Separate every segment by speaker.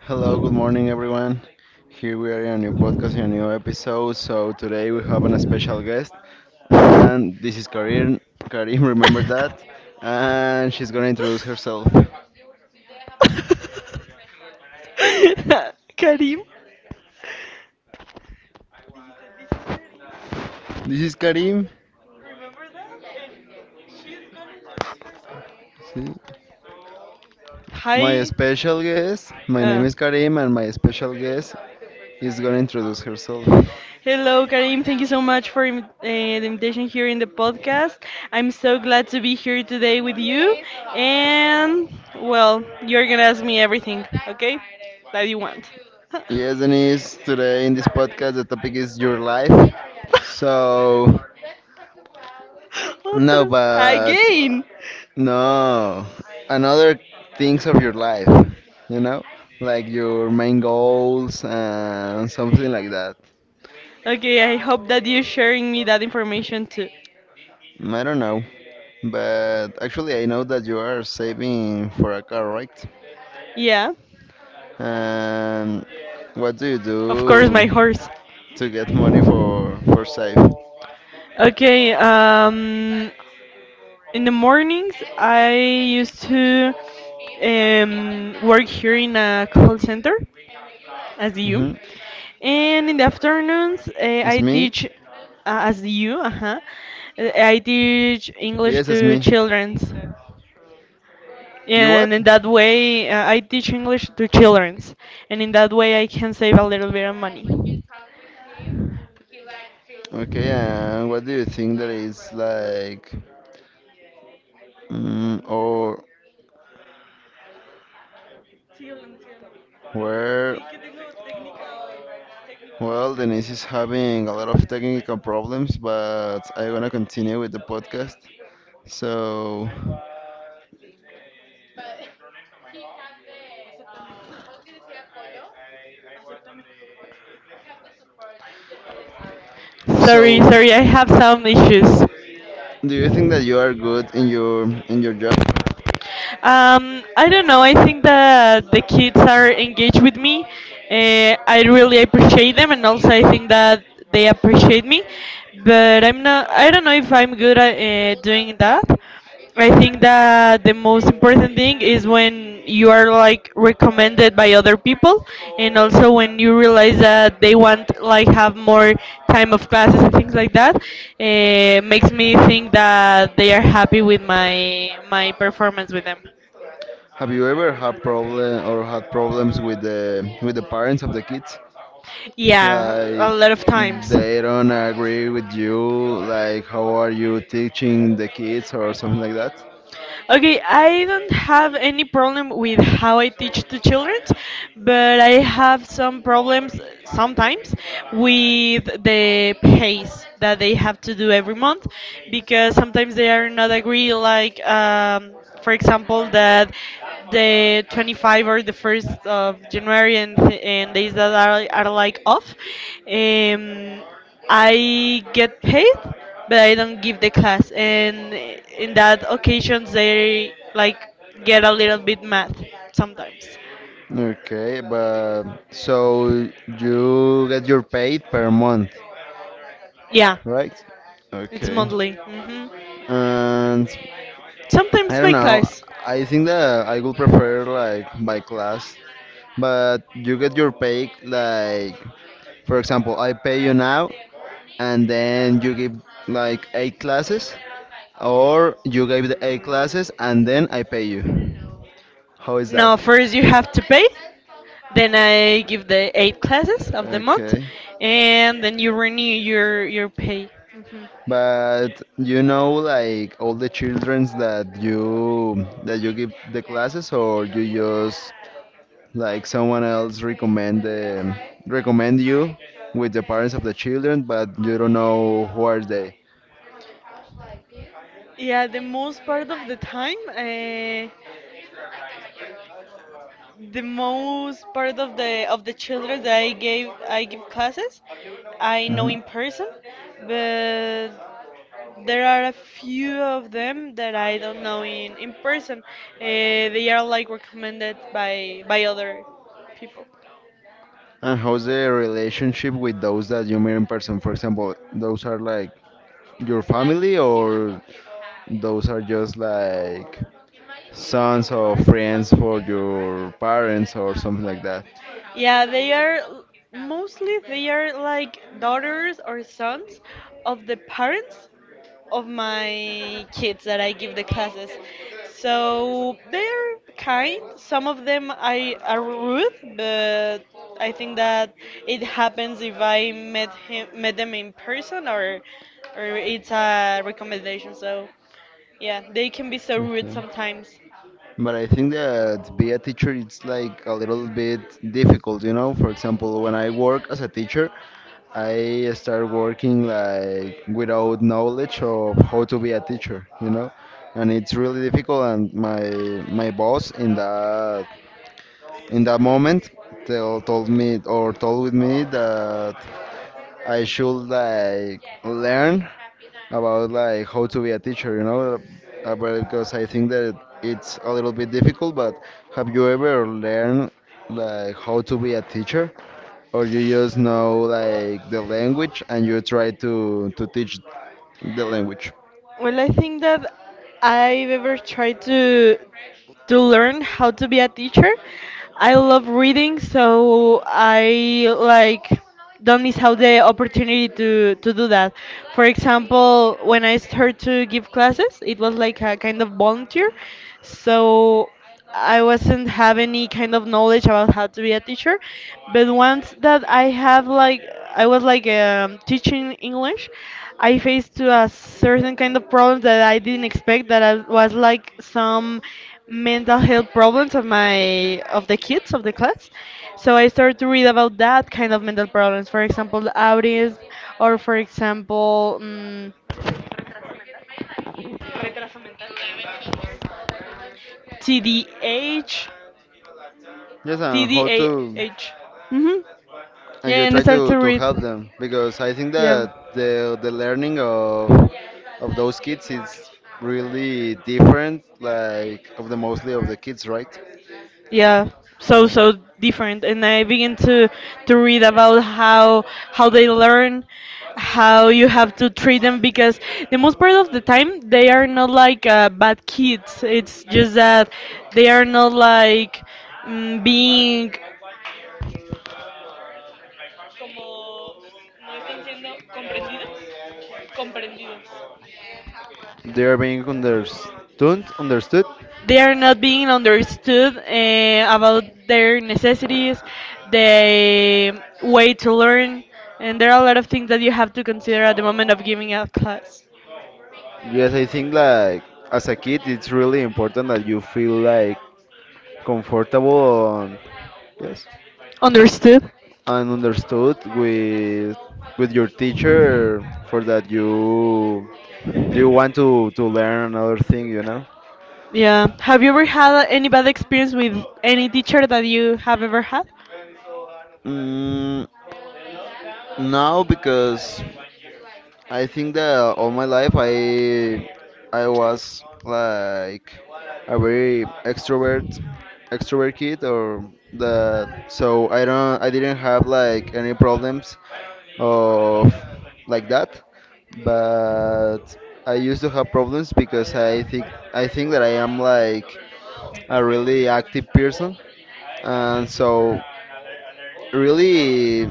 Speaker 1: Hello, good morning, everyone. Here we are in a new podcast, in a new episode. So today we have a special guest, and this is Karim. Karim, remember that, and she's gonna introduce herself. This is Karim. See? My special guest. My name is Karim, and my special guest is gonna introduce herself. Yes, Denise. Today in this podcast, the topic is your life. So no, but No, another things of your life, you know, like your main goals and something like that. I don't know, but actually, I know that you are saving for a car, right? And what do you do to get money for save? Hmm. It's me? Yes, it's me. You what? Okay, and what do you think that is like, or where? Well, Denise is having a lot of technical problems, but I'm gonna continue with the podcast. So, so,
Speaker 2: Sorry, sorry, I have some issues.
Speaker 1: do you think that you are good in your job?
Speaker 2: I don't know. I think that the kids are engaged with me. I really appreciate them, and also I think that they appreciate me. But I'm not. I don't know if I'm good at doing that. I think that the most important thing is when you are like recommended by other people, and also when you realize that they want like have more time of classes and things like that. It makes me think that they are happy with my performance with them.
Speaker 1: Have you ever had problem or had problems with the parents of the kids?
Speaker 2: Yeah,
Speaker 1: Like
Speaker 2: a lot of times.
Speaker 1: they don't agree with you, like how are you teaching the kids or something like that?
Speaker 2: Okay, I don't have any problem with how I teach to children, but I have some problems sometimes with the pace that they have to do every month, because sometimes they are not agree like for example that the 25 or the 1st of January and days that are like off. Um, I get paid, but I don't give the class. And in that occasions, they like get a little bit mad sometimes.
Speaker 1: Okay, but so you get your paid per month,
Speaker 2: Yeah,
Speaker 1: right?
Speaker 2: it's
Speaker 1: Okay.
Speaker 2: monthly. Hmm.
Speaker 1: And I
Speaker 2: Sometimes
Speaker 1: don't
Speaker 2: by
Speaker 1: know.
Speaker 2: class.
Speaker 1: I think that I would prefer like by class, but you get your pay like, for example, I pay you now, and then you give like eight classes, or you gave the eight classes and then I pay you. How is that?
Speaker 2: No, first you have to pay. Then I give the eight classes of the month,
Speaker 1: Okay.
Speaker 2: and then you renew your pay. Hmm.
Speaker 1: But you know like all the childrens that you give the classes, or you just like someone else recommend the recommend you with the parents of the children, but you don't know who are they.
Speaker 2: Yeah, the most part of the time. The most part of the children that I give classes, I know
Speaker 1: Mhm.
Speaker 2: in person, but there are a few of them that I don't know in person. They are like recommended by other people.
Speaker 1: And how's the relationship with those that you meet in person? For example, those are like your family, or those are just like sons or friends for your parents or something like that.
Speaker 2: Yeah, mostly they are like daughters or sons of the parents of my kids that I give the classes. So they're kind. Some of them I are rude, but I think that it happens if I met them in person or it's a recommendation. So. Yeah, they can be so rude
Speaker 1: Okay.
Speaker 2: sometimes.
Speaker 1: But I think that be a teacher it's like a little bit difficult. For example, when I work as a teacher, I start working like without knowledge of how to be a teacher, and it's really difficult. And my boss in that moment told me or told with me that I should like learn about like how to be a teacher, about because I think that it's a little bit difficult. But have you ever learned like how to be a teacher, or you just know like the language and you try to teach the language?
Speaker 2: Well, I think that I've ever tried to learn how to be a teacher. I love reading, so I like don't miss out the opportunity to do that. For example, when I started to give classes, it was like a kind of volunteer. So I wasn't have any kind of knowledge about how to be a teacher, but once that I have like I was like teaching English, I faced to a certain kind of problems that I didn't expect. That I was like some mental health problems of the kids of the class. So I started to read about that kind of mental problems. For example, autism, or for example, TDH,
Speaker 1: Yes, and how to?
Speaker 2: TDAH. Mm-hmm.
Speaker 1: And
Speaker 2: Yeah,
Speaker 1: you
Speaker 2: and I
Speaker 1: try
Speaker 2: started
Speaker 1: to,
Speaker 2: to
Speaker 1: to
Speaker 2: read.
Speaker 1: help them because I think
Speaker 2: Yeah,
Speaker 1: that the learning of those kids is really different, like of the mostly of the kids, right?
Speaker 2: yeah, so
Speaker 1: Uh,
Speaker 2: so different, and I began to read about how they learn, how you have to treat them, because the most part of the time they are not like bad kids. It's just that they are not like mm, being
Speaker 1: they are being understood.
Speaker 2: they are not being understood about their necessities, the way to learn, and there are a lot of things that you have to consider at the moment of giving a class.
Speaker 1: Yes, I think like as a kid, it's really important that you feel like comfortable and yes,
Speaker 2: Understood?
Speaker 1: and understood with your teacher for that you want to learn another thing.
Speaker 2: Yeah. Have you ever had any bad experience with any teacher that you have ever had?
Speaker 1: Mm, now because I think that all my life I was like a very extrovert kid or that, so I didn't have like any problems of like that. But I used to have problems because I think that I am like a really active person, and so really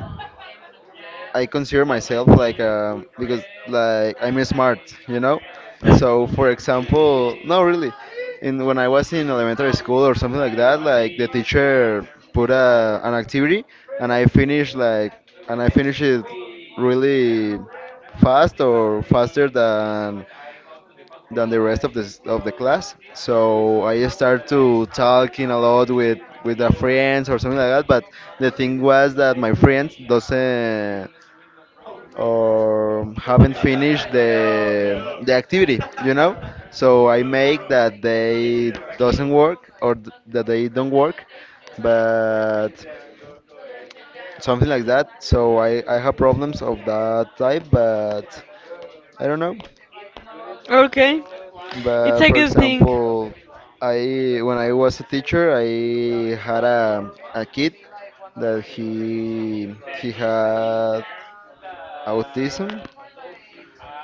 Speaker 1: I consider myself like because like I'm smart, you know. And so, for example, no, really, in when I was in elementary school or something like that, like the teacher put an activity, and I finished like and I finished it really fast, or faster than the rest of the class. So I start to talking a lot with the friends or something like that. But the thing was that my friends doesn't or haven't finished the activity. So I make that they doesn't work, or that they don't work. But something like that, so I have problems of that type, but I don't know.
Speaker 2: Okay. It's
Speaker 1: But
Speaker 2: a
Speaker 1: for
Speaker 2: good thing.
Speaker 1: example, I when I was a teacher, I had a kid that he had autism.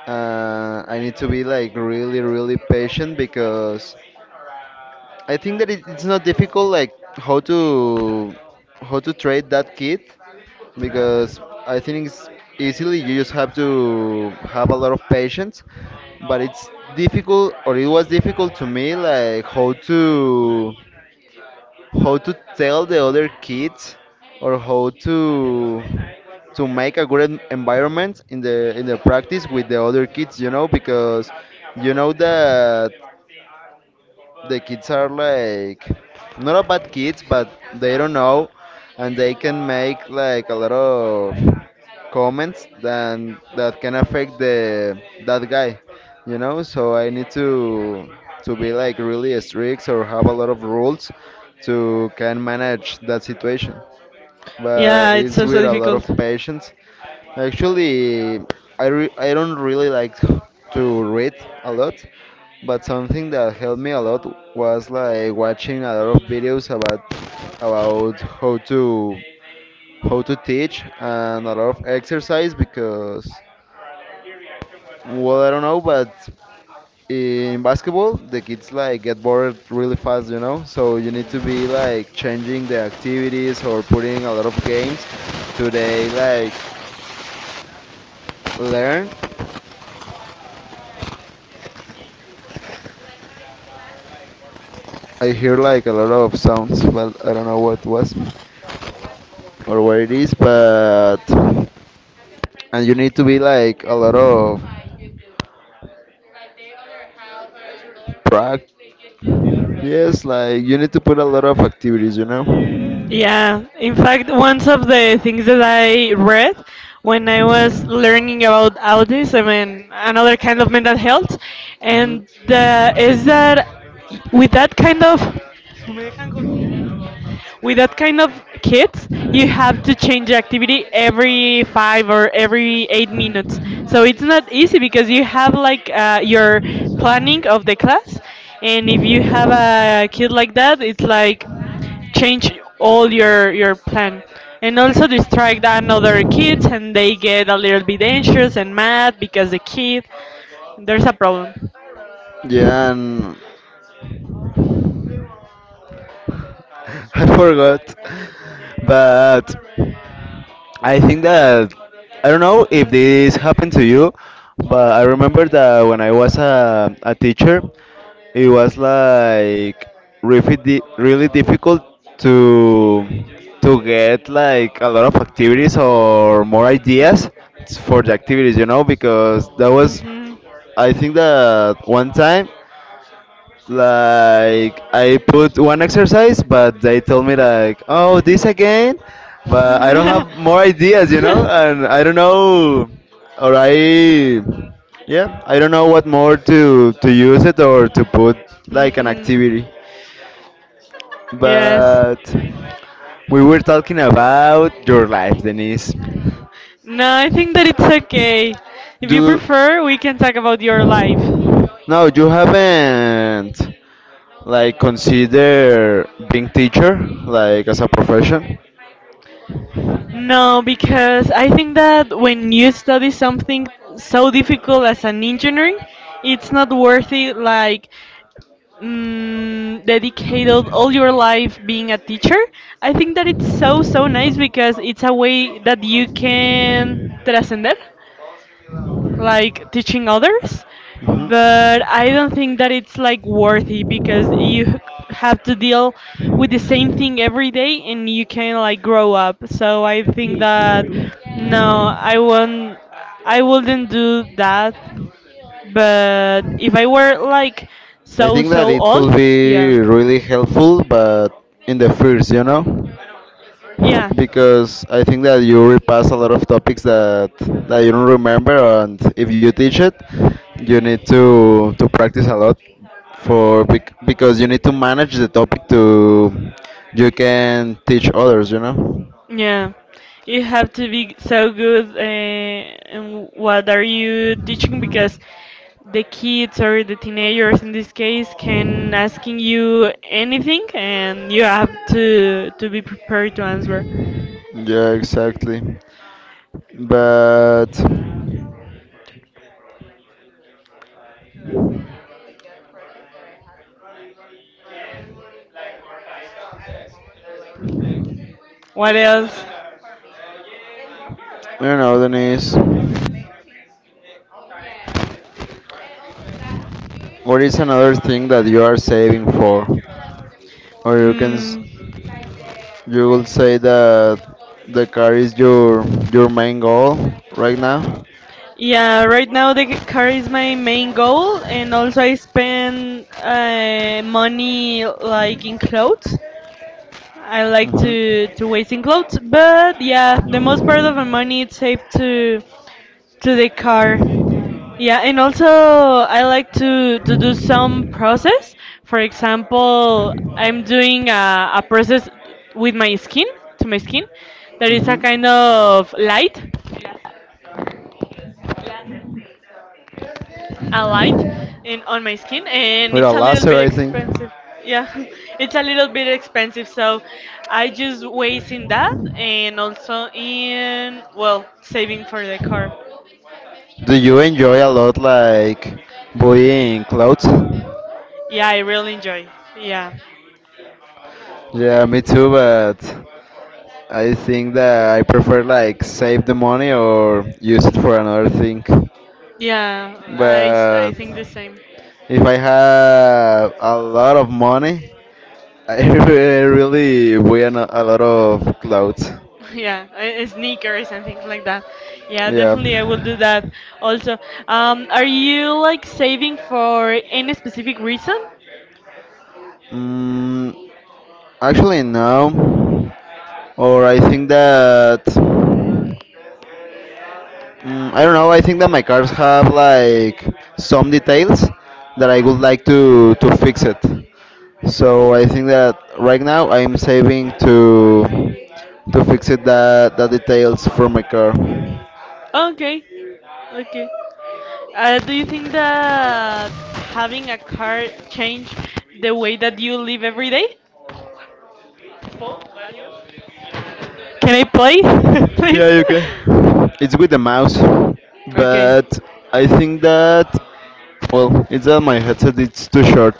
Speaker 1: I need to be like really, really patient because I think that it's not difficult like how to trade that kit, because I think it's easily. You just have to have a lot of patience. But it's difficult, or it was difficult to me, like how to tell the other kids, or how to make a good environment in the practice with the other kids, because you know that the kids are like not a bad kids, but they don't know, and they can make like a lot of comments then that can affect the that guy. So I need to be like really strict or have a lot of rules to can manage that situation, but
Speaker 2: Yeah, it's
Speaker 1: it's
Speaker 2: so, so
Speaker 1: with a lot of
Speaker 2: difficult.
Speaker 1: patience. Actually, I don't really like to read a lot, but something that helped me a lot was like watching a lot of videos about about how to how to teach and a lot of exercise. Because well, I don't know, but in basketball the kids like get bored really fast, so you need to be like changing the activities or putting a lot of games to they like learn. I hear like a lot of sounds, well I don't know what was or what it is, but and you need to be like a lot of prac yes, like you need to put a lot of activities.
Speaker 2: Yeah, in fact, one of the things that I read when I was learning about autism and another kind of mental health,
Speaker 1: Hmm,
Speaker 2: and is that with that kind of with that kind of kids, you have to change activity every 5 or every 8 minutes. So it's not easy, because you have like your planning of the class, and if you have a kid like that, it's like change all your plan, and also distract another kids, and they get a little bit anxious and mad because the kid there's a problem.
Speaker 1: yeah, and I forgot. But I think that I don't know if this happened to you, but I remember that when I was a teacher, it was like really difficult to to get like a lot of activities or more ideas for the activities, because that was
Speaker 2: Mm-hmm.
Speaker 1: I think that one time like I put one exercise, but they told me like, "Oh, this again," but I don't
Speaker 2: Hmm.
Speaker 1: have more ideas, and I don't know, or I, yeah, I don't know what more to use it or to put like an activity.
Speaker 2: Yes.
Speaker 1: But we were talking about your life, Denise.
Speaker 2: No, I think that it's okay. If you
Speaker 1: Do
Speaker 2: prefer, we can talk about your life.
Speaker 1: no, you haven't like consider being teacher like as a profession?
Speaker 2: No, because I think that when you study something so difficult as an engineering, it's not worth it, like, dedicated all your life being a teacher. I think that it's so, so nice because it's a way that you can trascender. Like teaching others, but I don't think that it's like worthy, because have to deal with the same thing every day and you can like grow up. So I think that no, I wouldn't do that. But if I were like
Speaker 1: I
Speaker 2: so
Speaker 1: think that
Speaker 2: so
Speaker 1: it could
Speaker 2: old. Yeah.
Speaker 1: be really helpful, but in the first,
Speaker 2: Yeah.
Speaker 1: because I think that you repass a lot of topics that you don't remember, and if you teach it, you need to practice a lot because you need to manage the topic to you can teach others.
Speaker 2: Yeah, you have to be so good in what are you teaching, because the kids or the teenagers in this case can asking you anything, and you have to be prepared to answer.
Speaker 1: Yeah, exactly. But I
Speaker 2: What else?
Speaker 1: don't know, Denise. What is another thing that you are saving for? Or you can s-
Speaker 2: Mm.
Speaker 1: you will say that the car is your main goal right now?
Speaker 2: Yeah, right now the car is my main goal, and also I spend money like in clothes. I like
Speaker 1: Hmm.
Speaker 2: to waste in clothes, but yeah, the most part of my money is saved to the car. Yeah, and also I like to do some process. For example, I'm doing a process with my skin, to my skin, that is a kind of light. A light in on my skin, and it's
Speaker 1: A
Speaker 2: a little
Speaker 1: laser,
Speaker 2: bit
Speaker 1: I think.
Speaker 2: expensive. Yeah. It's a little bit expensive, so I just waste in that and also in, well, saving for the car.
Speaker 1: Do you enjoy a lot like buying clothes?
Speaker 2: Yeah, I really enjoy. Yeah.
Speaker 1: Yeah, me too, but I think that I prefer like save the money or use it for another thing.
Speaker 2: Yeah, I
Speaker 1: But
Speaker 2: think the same.
Speaker 1: if I have a lot of money, I really wear a lot of clothes.
Speaker 2: Yeah, a sneakers and things like that. Yeah,
Speaker 1: Yeah.
Speaker 2: definitely I will do that also. Are you like saving for any specific reason?
Speaker 1: Mm, Actually, no. Or I think that. I don't know. I think that my cars have like some details that I would like to fix it. So I think that right now I'm saving to fix it that the details for my car.
Speaker 2: Okay. Okay. Do you think that having a car change the way that you live every day? Can I play, please?
Speaker 1: Yeah, you can. It's with the mouse,
Speaker 2: Okay.
Speaker 1: but I think that, well, it's that my headset is too short,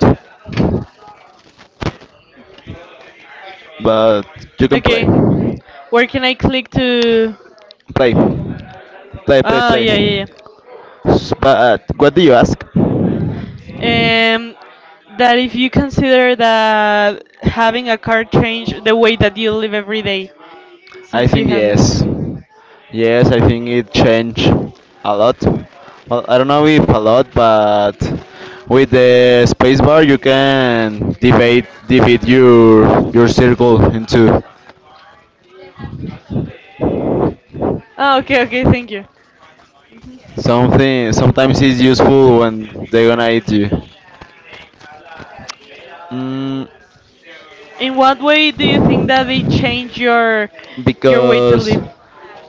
Speaker 1: but you can play.
Speaker 2: Okay. Where can I click to?
Speaker 1: Play, play, play,
Speaker 2: Oh
Speaker 1: play.
Speaker 2: yeah, yeah, yeah.
Speaker 1: But what do you ask?
Speaker 2: um, that if you consider that having a car change the way that you live every day
Speaker 1: I
Speaker 2: since you
Speaker 1: think
Speaker 2: have it.
Speaker 1: yes. Yes, I think it changed a lot. Well, I don't know if a lot, but with the spacebar you can divide your circle into
Speaker 2: Oh, okay, okay, thank you.
Speaker 1: something. Sometimes it's useful when they're gonna eat you. Mm,
Speaker 2: In what way do you think that they change your way to
Speaker 1: because
Speaker 2: live?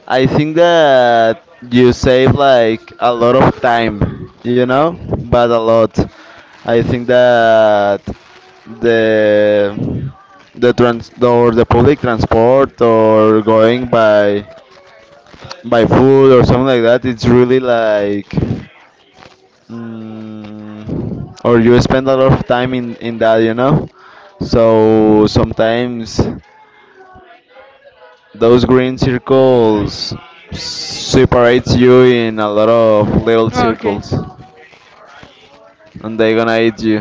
Speaker 1: I think that you save like a lot of time, but a lot. I think that the the public transport, or going by food or something like that, it's really like or you spend a lot of time in that. So sometimes. Those green circles separates you in a lot of little
Speaker 2: Oh, okay.
Speaker 1: circles, and they're gonna eat you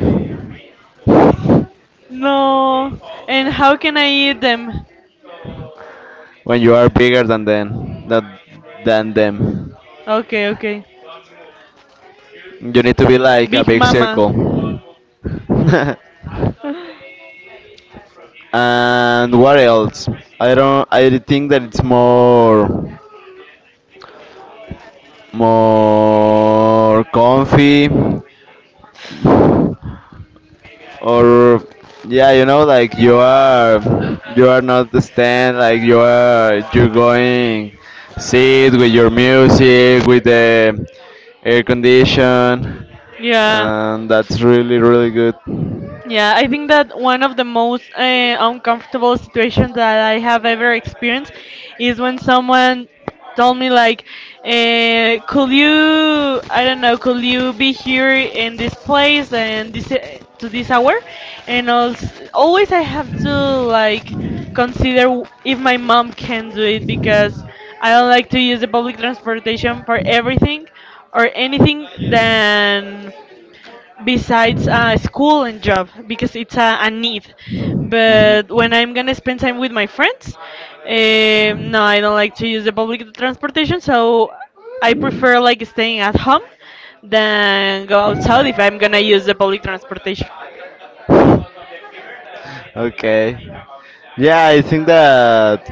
Speaker 2: No. And how can I eat them?
Speaker 1: when you are bigger than them. That Than them,
Speaker 2: Okay, okay.
Speaker 1: you need to be like a
Speaker 2: Big
Speaker 1: big
Speaker 2: Mama.
Speaker 1: circle. And what else? I don't. I think that it's more comfy. Or yeah, like you are not the stand, like you're going sit with your music with the air condition,
Speaker 2: Yeah.
Speaker 1: and that's really really good.
Speaker 2: Yeah, I think that one of the most uncomfortable situations that I have ever experienced is when someone told me like, "Could you, I don't know, could you be here in this place and this to this hour?" And also, always I have to like consider if my mom can do it, because I don't like to use the public transportation for everything or anything than besides school and job, because it's a need. But when I'm gonna spend time with my friends, no, I don't like to use the public transportation, so I prefer like staying at home than go outside if I'm gonna use the public transportation.
Speaker 1: Okay. Yeah, I think that.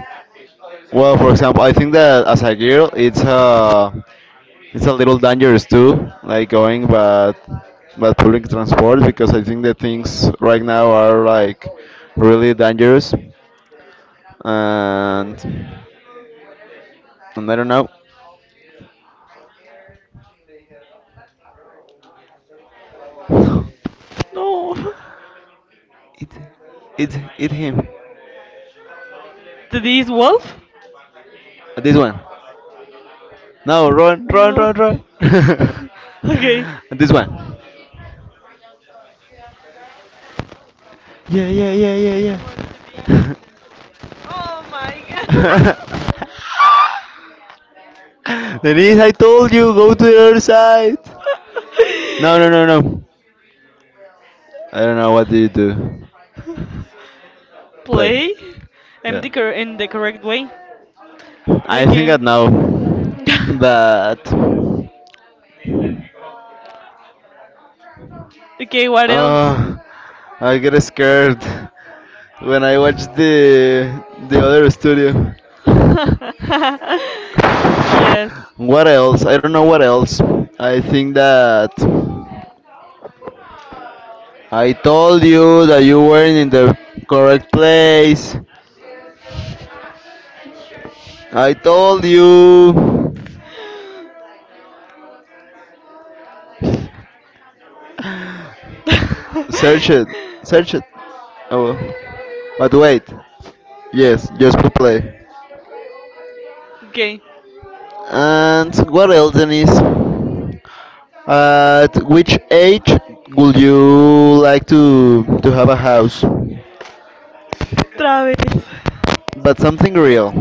Speaker 1: Well, for example, I think that as a girl, it's it's a little dangerous too, like going but public transport because I think that things right now are like really dangerous, and and I don't know. It's
Speaker 2: No,
Speaker 1: it's him.
Speaker 2: to this wolf?
Speaker 1: This one. No, run, run, run,
Speaker 2: No.
Speaker 1: run.
Speaker 2: Okay.
Speaker 1: This one. Yeah, yeah, yeah, yeah, yeah. Denise, I told you, go to the other side. No, no, no, no. I don't know what do you do. Play.
Speaker 2: Play. I'm
Speaker 1: Yeah.
Speaker 2: the in the correct way.
Speaker 1: I think
Speaker 2: Okay.
Speaker 1: that now. But
Speaker 2: Okay, what else?
Speaker 1: uh, I get scared when I watched the other studio.
Speaker 2: Yes.
Speaker 1: What else? I don't know what else. I think that I told you that you weren't in the correct place. I told you. Search it. Search it. Oh, well, but wait. Yes, just to play.
Speaker 2: Okay.
Speaker 1: And what else, Denise? At which age would you like to have a house?
Speaker 2: Travis.
Speaker 1: But something real.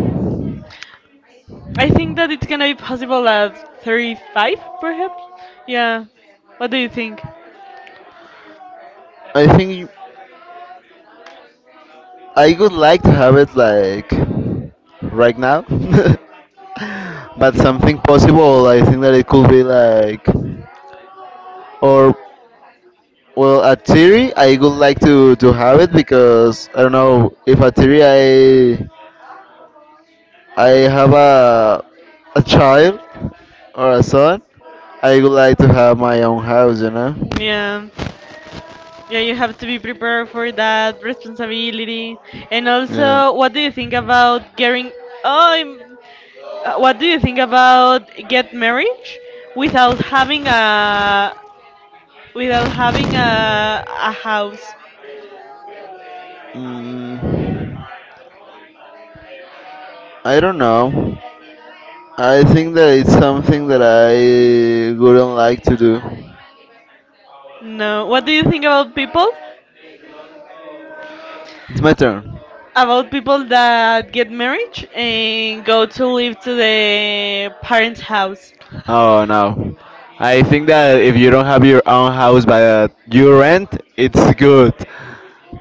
Speaker 2: I think that it's gonna be possible at 35, perhaps? Yeah. What do you think?
Speaker 1: I think I would like to have it like right now, but something possible. I think that it could be like, or well, a theory. I would like to have it because I don't know if a theory I have a child or a son. I would like to have my own house, you know.
Speaker 2: Yeah. Yeah, you have to be prepared for that responsibility. And
Speaker 1: Yeah.
Speaker 2: also, what do you think about getting. Oh, what do you think about get marriage without having a without having a house.
Speaker 1: Mm, I don't know. I think that it's something that I wouldn't like to do.
Speaker 2: No. What do you think about people?
Speaker 1: It's my turn.
Speaker 2: About people that get married and go to live to the parents' house.
Speaker 1: Oh no. I think that if you don't have your own house but you rent, it's good.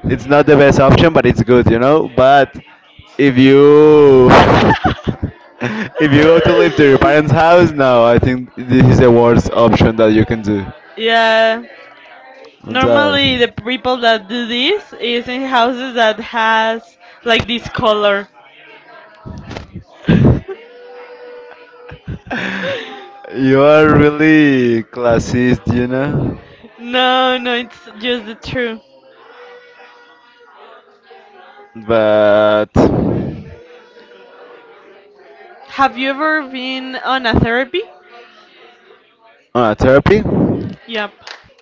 Speaker 1: It's not the best option, but it's good, you know? But if you if you go to live to your parents' house, no, I think this is the worst option that you can do.
Speaker 2: Yeah.
Speaker 1: And, uh,
Speaker 2: Normally, the people that do this is in houses that has like this color. No,
Speaker 1: you are really classist, you know?
Speaker 2: no, it's just the truth.
Speaker 1: But
Speaker 2: Have you ever been on a therapy?
Speaker 1: therapy,
Speaker 2: Yep.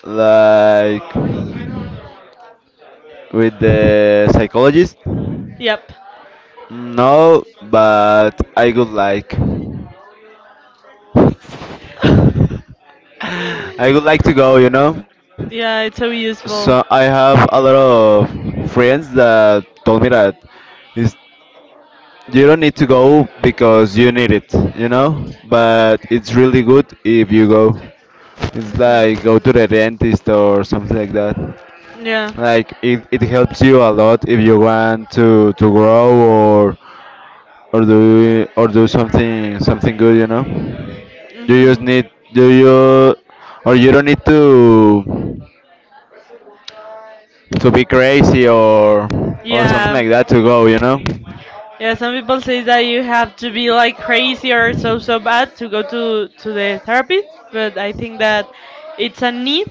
Speaker 1: like with the psychologist.
Speaker 2: Yep.
Speaker 1: No, but I would like. I would like to go, you know.
Speaker 2: Yeah, it's so
Speaker 1: So I
Speaker 2: useful.
Speaker 1: have a lot of friends that told me that is you don't need to go because you need it, you know? But it's really good if you go. It's like go
Speaker 2: Hmm.
Speaker 1: to the dentist or something like that. Yeah.
Speaker 2: Yeah.
Speaker 1: Like it helps you a lot if you want to grow or or do something good, you know. You just
Speaker 2: Hmm.
Speaker 1: need do you or you don't need to be crazy or something
Speaker 2: Yeah.
Speaker 1: like that to go, you know.
Speaker 2: Yeah, some people say that you have to be like crazy or so so bad to go to the therapist, but I think that it's a need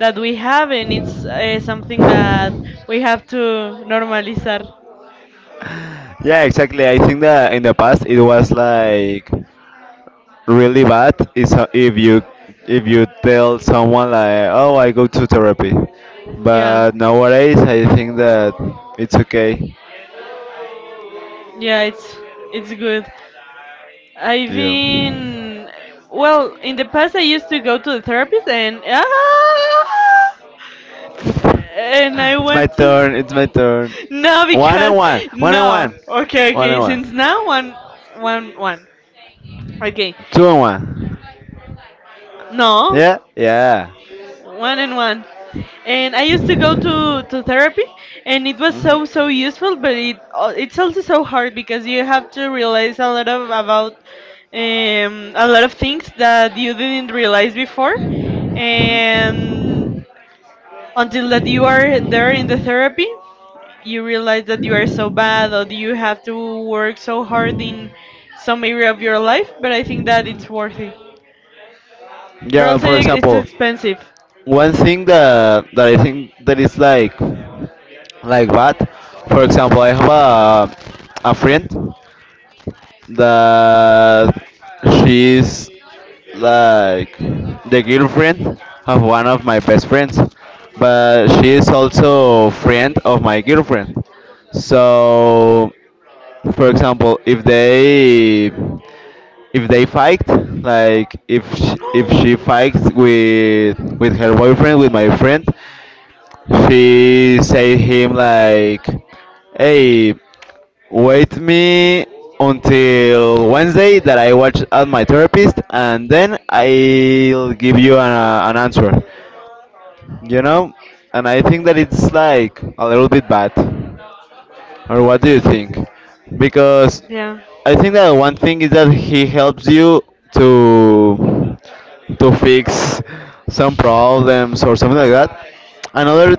Speaker 2: that we have, and it's something that we have to normalizar.
Speaker 1: Yeah, exactly. I think that in the past it was like really bad is if you tell someone like, "Oh, I go to therapy,"
Speaker 2: Yeah.
Speaker 1: but nowadays I think that it's okay.
Speaker 2: Yeah, it's good. I've
Speaker 1: Yeah.
Speaker 2: been, well, in the past I used to go to the therapist and ah! And I
Speaker 1: It's my
Speaker 2: want to.
Speaker 1: turn, it's my turn.
Speaker 2: No,
Speaker 1: One and
Speaker 2: because
Speaker 1: one, one and no,
Speaker 2: no.
Speaker 1: one,
Speaker 2: Okay,
Speaker 1: one
Speaker 2: okay. Since
Speaker 1: and
Speaker 2: now one, one,
Speaker 1: one.
Speaker 2: one. Okay,
Speaker 1: Two and one.
Speaker 2: no,
Speaker 1: Yeah? Yeah.
Speaker 2: one
Speaker 1: One.
Speaker 2: and one. And I used to go to therapy, and it was so so useful. But it's also so hard, because you have to realize a lot of about a lot of things that you didn't realize before, and until that you are there in the therapy you realize that you are so bad or do you have to work so hard in some area of your life, but I think that it's worthy. But
Speaker 1: Yeah, well,
Speaker 2: also
Speaker 1: for it's
Speaker 2: it's expensive.
Speaker 1: one thing that I think that is like what? For example, I have a friend that she's like the girlfriend of one of my best friends, but she is also friend of my girlfriend. So, for example, if they fight, like if she fights with her boyfriend, with my friend, she say him like, "Hey, wait me until Wednesday that I watch at my therapist, and then I'll give you an answer." You know, and I think that it's like a little bit bad. Or what do you think? Because
Speaker 2: Yeah.
Speaker 1: I think that one thing is that he helps you to to fix some problems or something like that. Another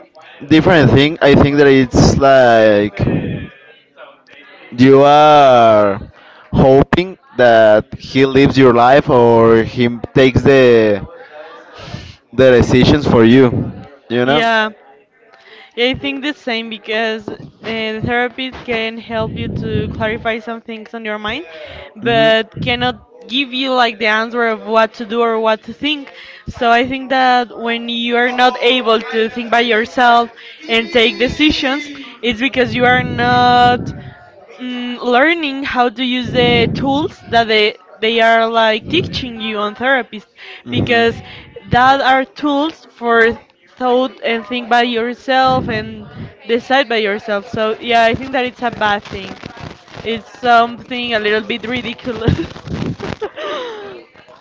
Speaker 1: different thing I think that it's like you are hoping that he lives your life or he takes the decisions for you, you know.
Speaker 2: Yeah. Yeah, I think the same, because the therapist can help you to clarify some things on your mind,
Speaker 1: Hmm,
Speaker 2: but
Speaker 1: hmm.
Speaker 2: cannot give you like the answer of what to do or what to think. So I think that when you are not able to think by yourself and take decisions, it's because you are not learning how to use the tools that they are like teaching you on therapist, because that are tools for thought and think by yourself and decide by yourself. So yeah, I think that it's a bad thing, it's something a little bit ridiculous.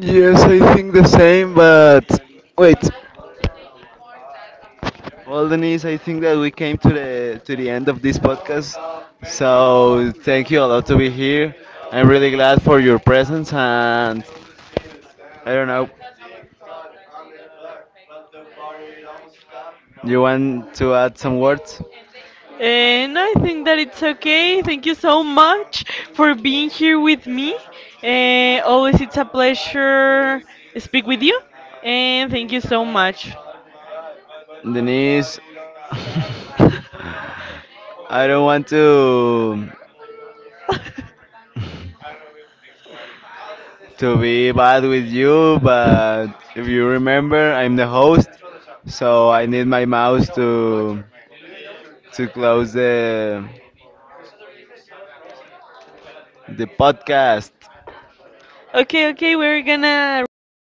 Speaker 1: Yes, I think the same, but wait. Well, Denise, I think that we came to the end of this podcast. So thank you a lot to be here. I'm really glad for your presence, and I don't know, you want to add some words,
Speaker 2: And I think that it's okay. Thank you so much for being here with me. Always it's a pleasure speak with you. And thank you so much.
Speaker 1: Denise? I don't want to be bad with you, but if you remember, I'm the host, so I need my mouse to close the podcast.
Speaker 2: Okay, okay, we're gonna record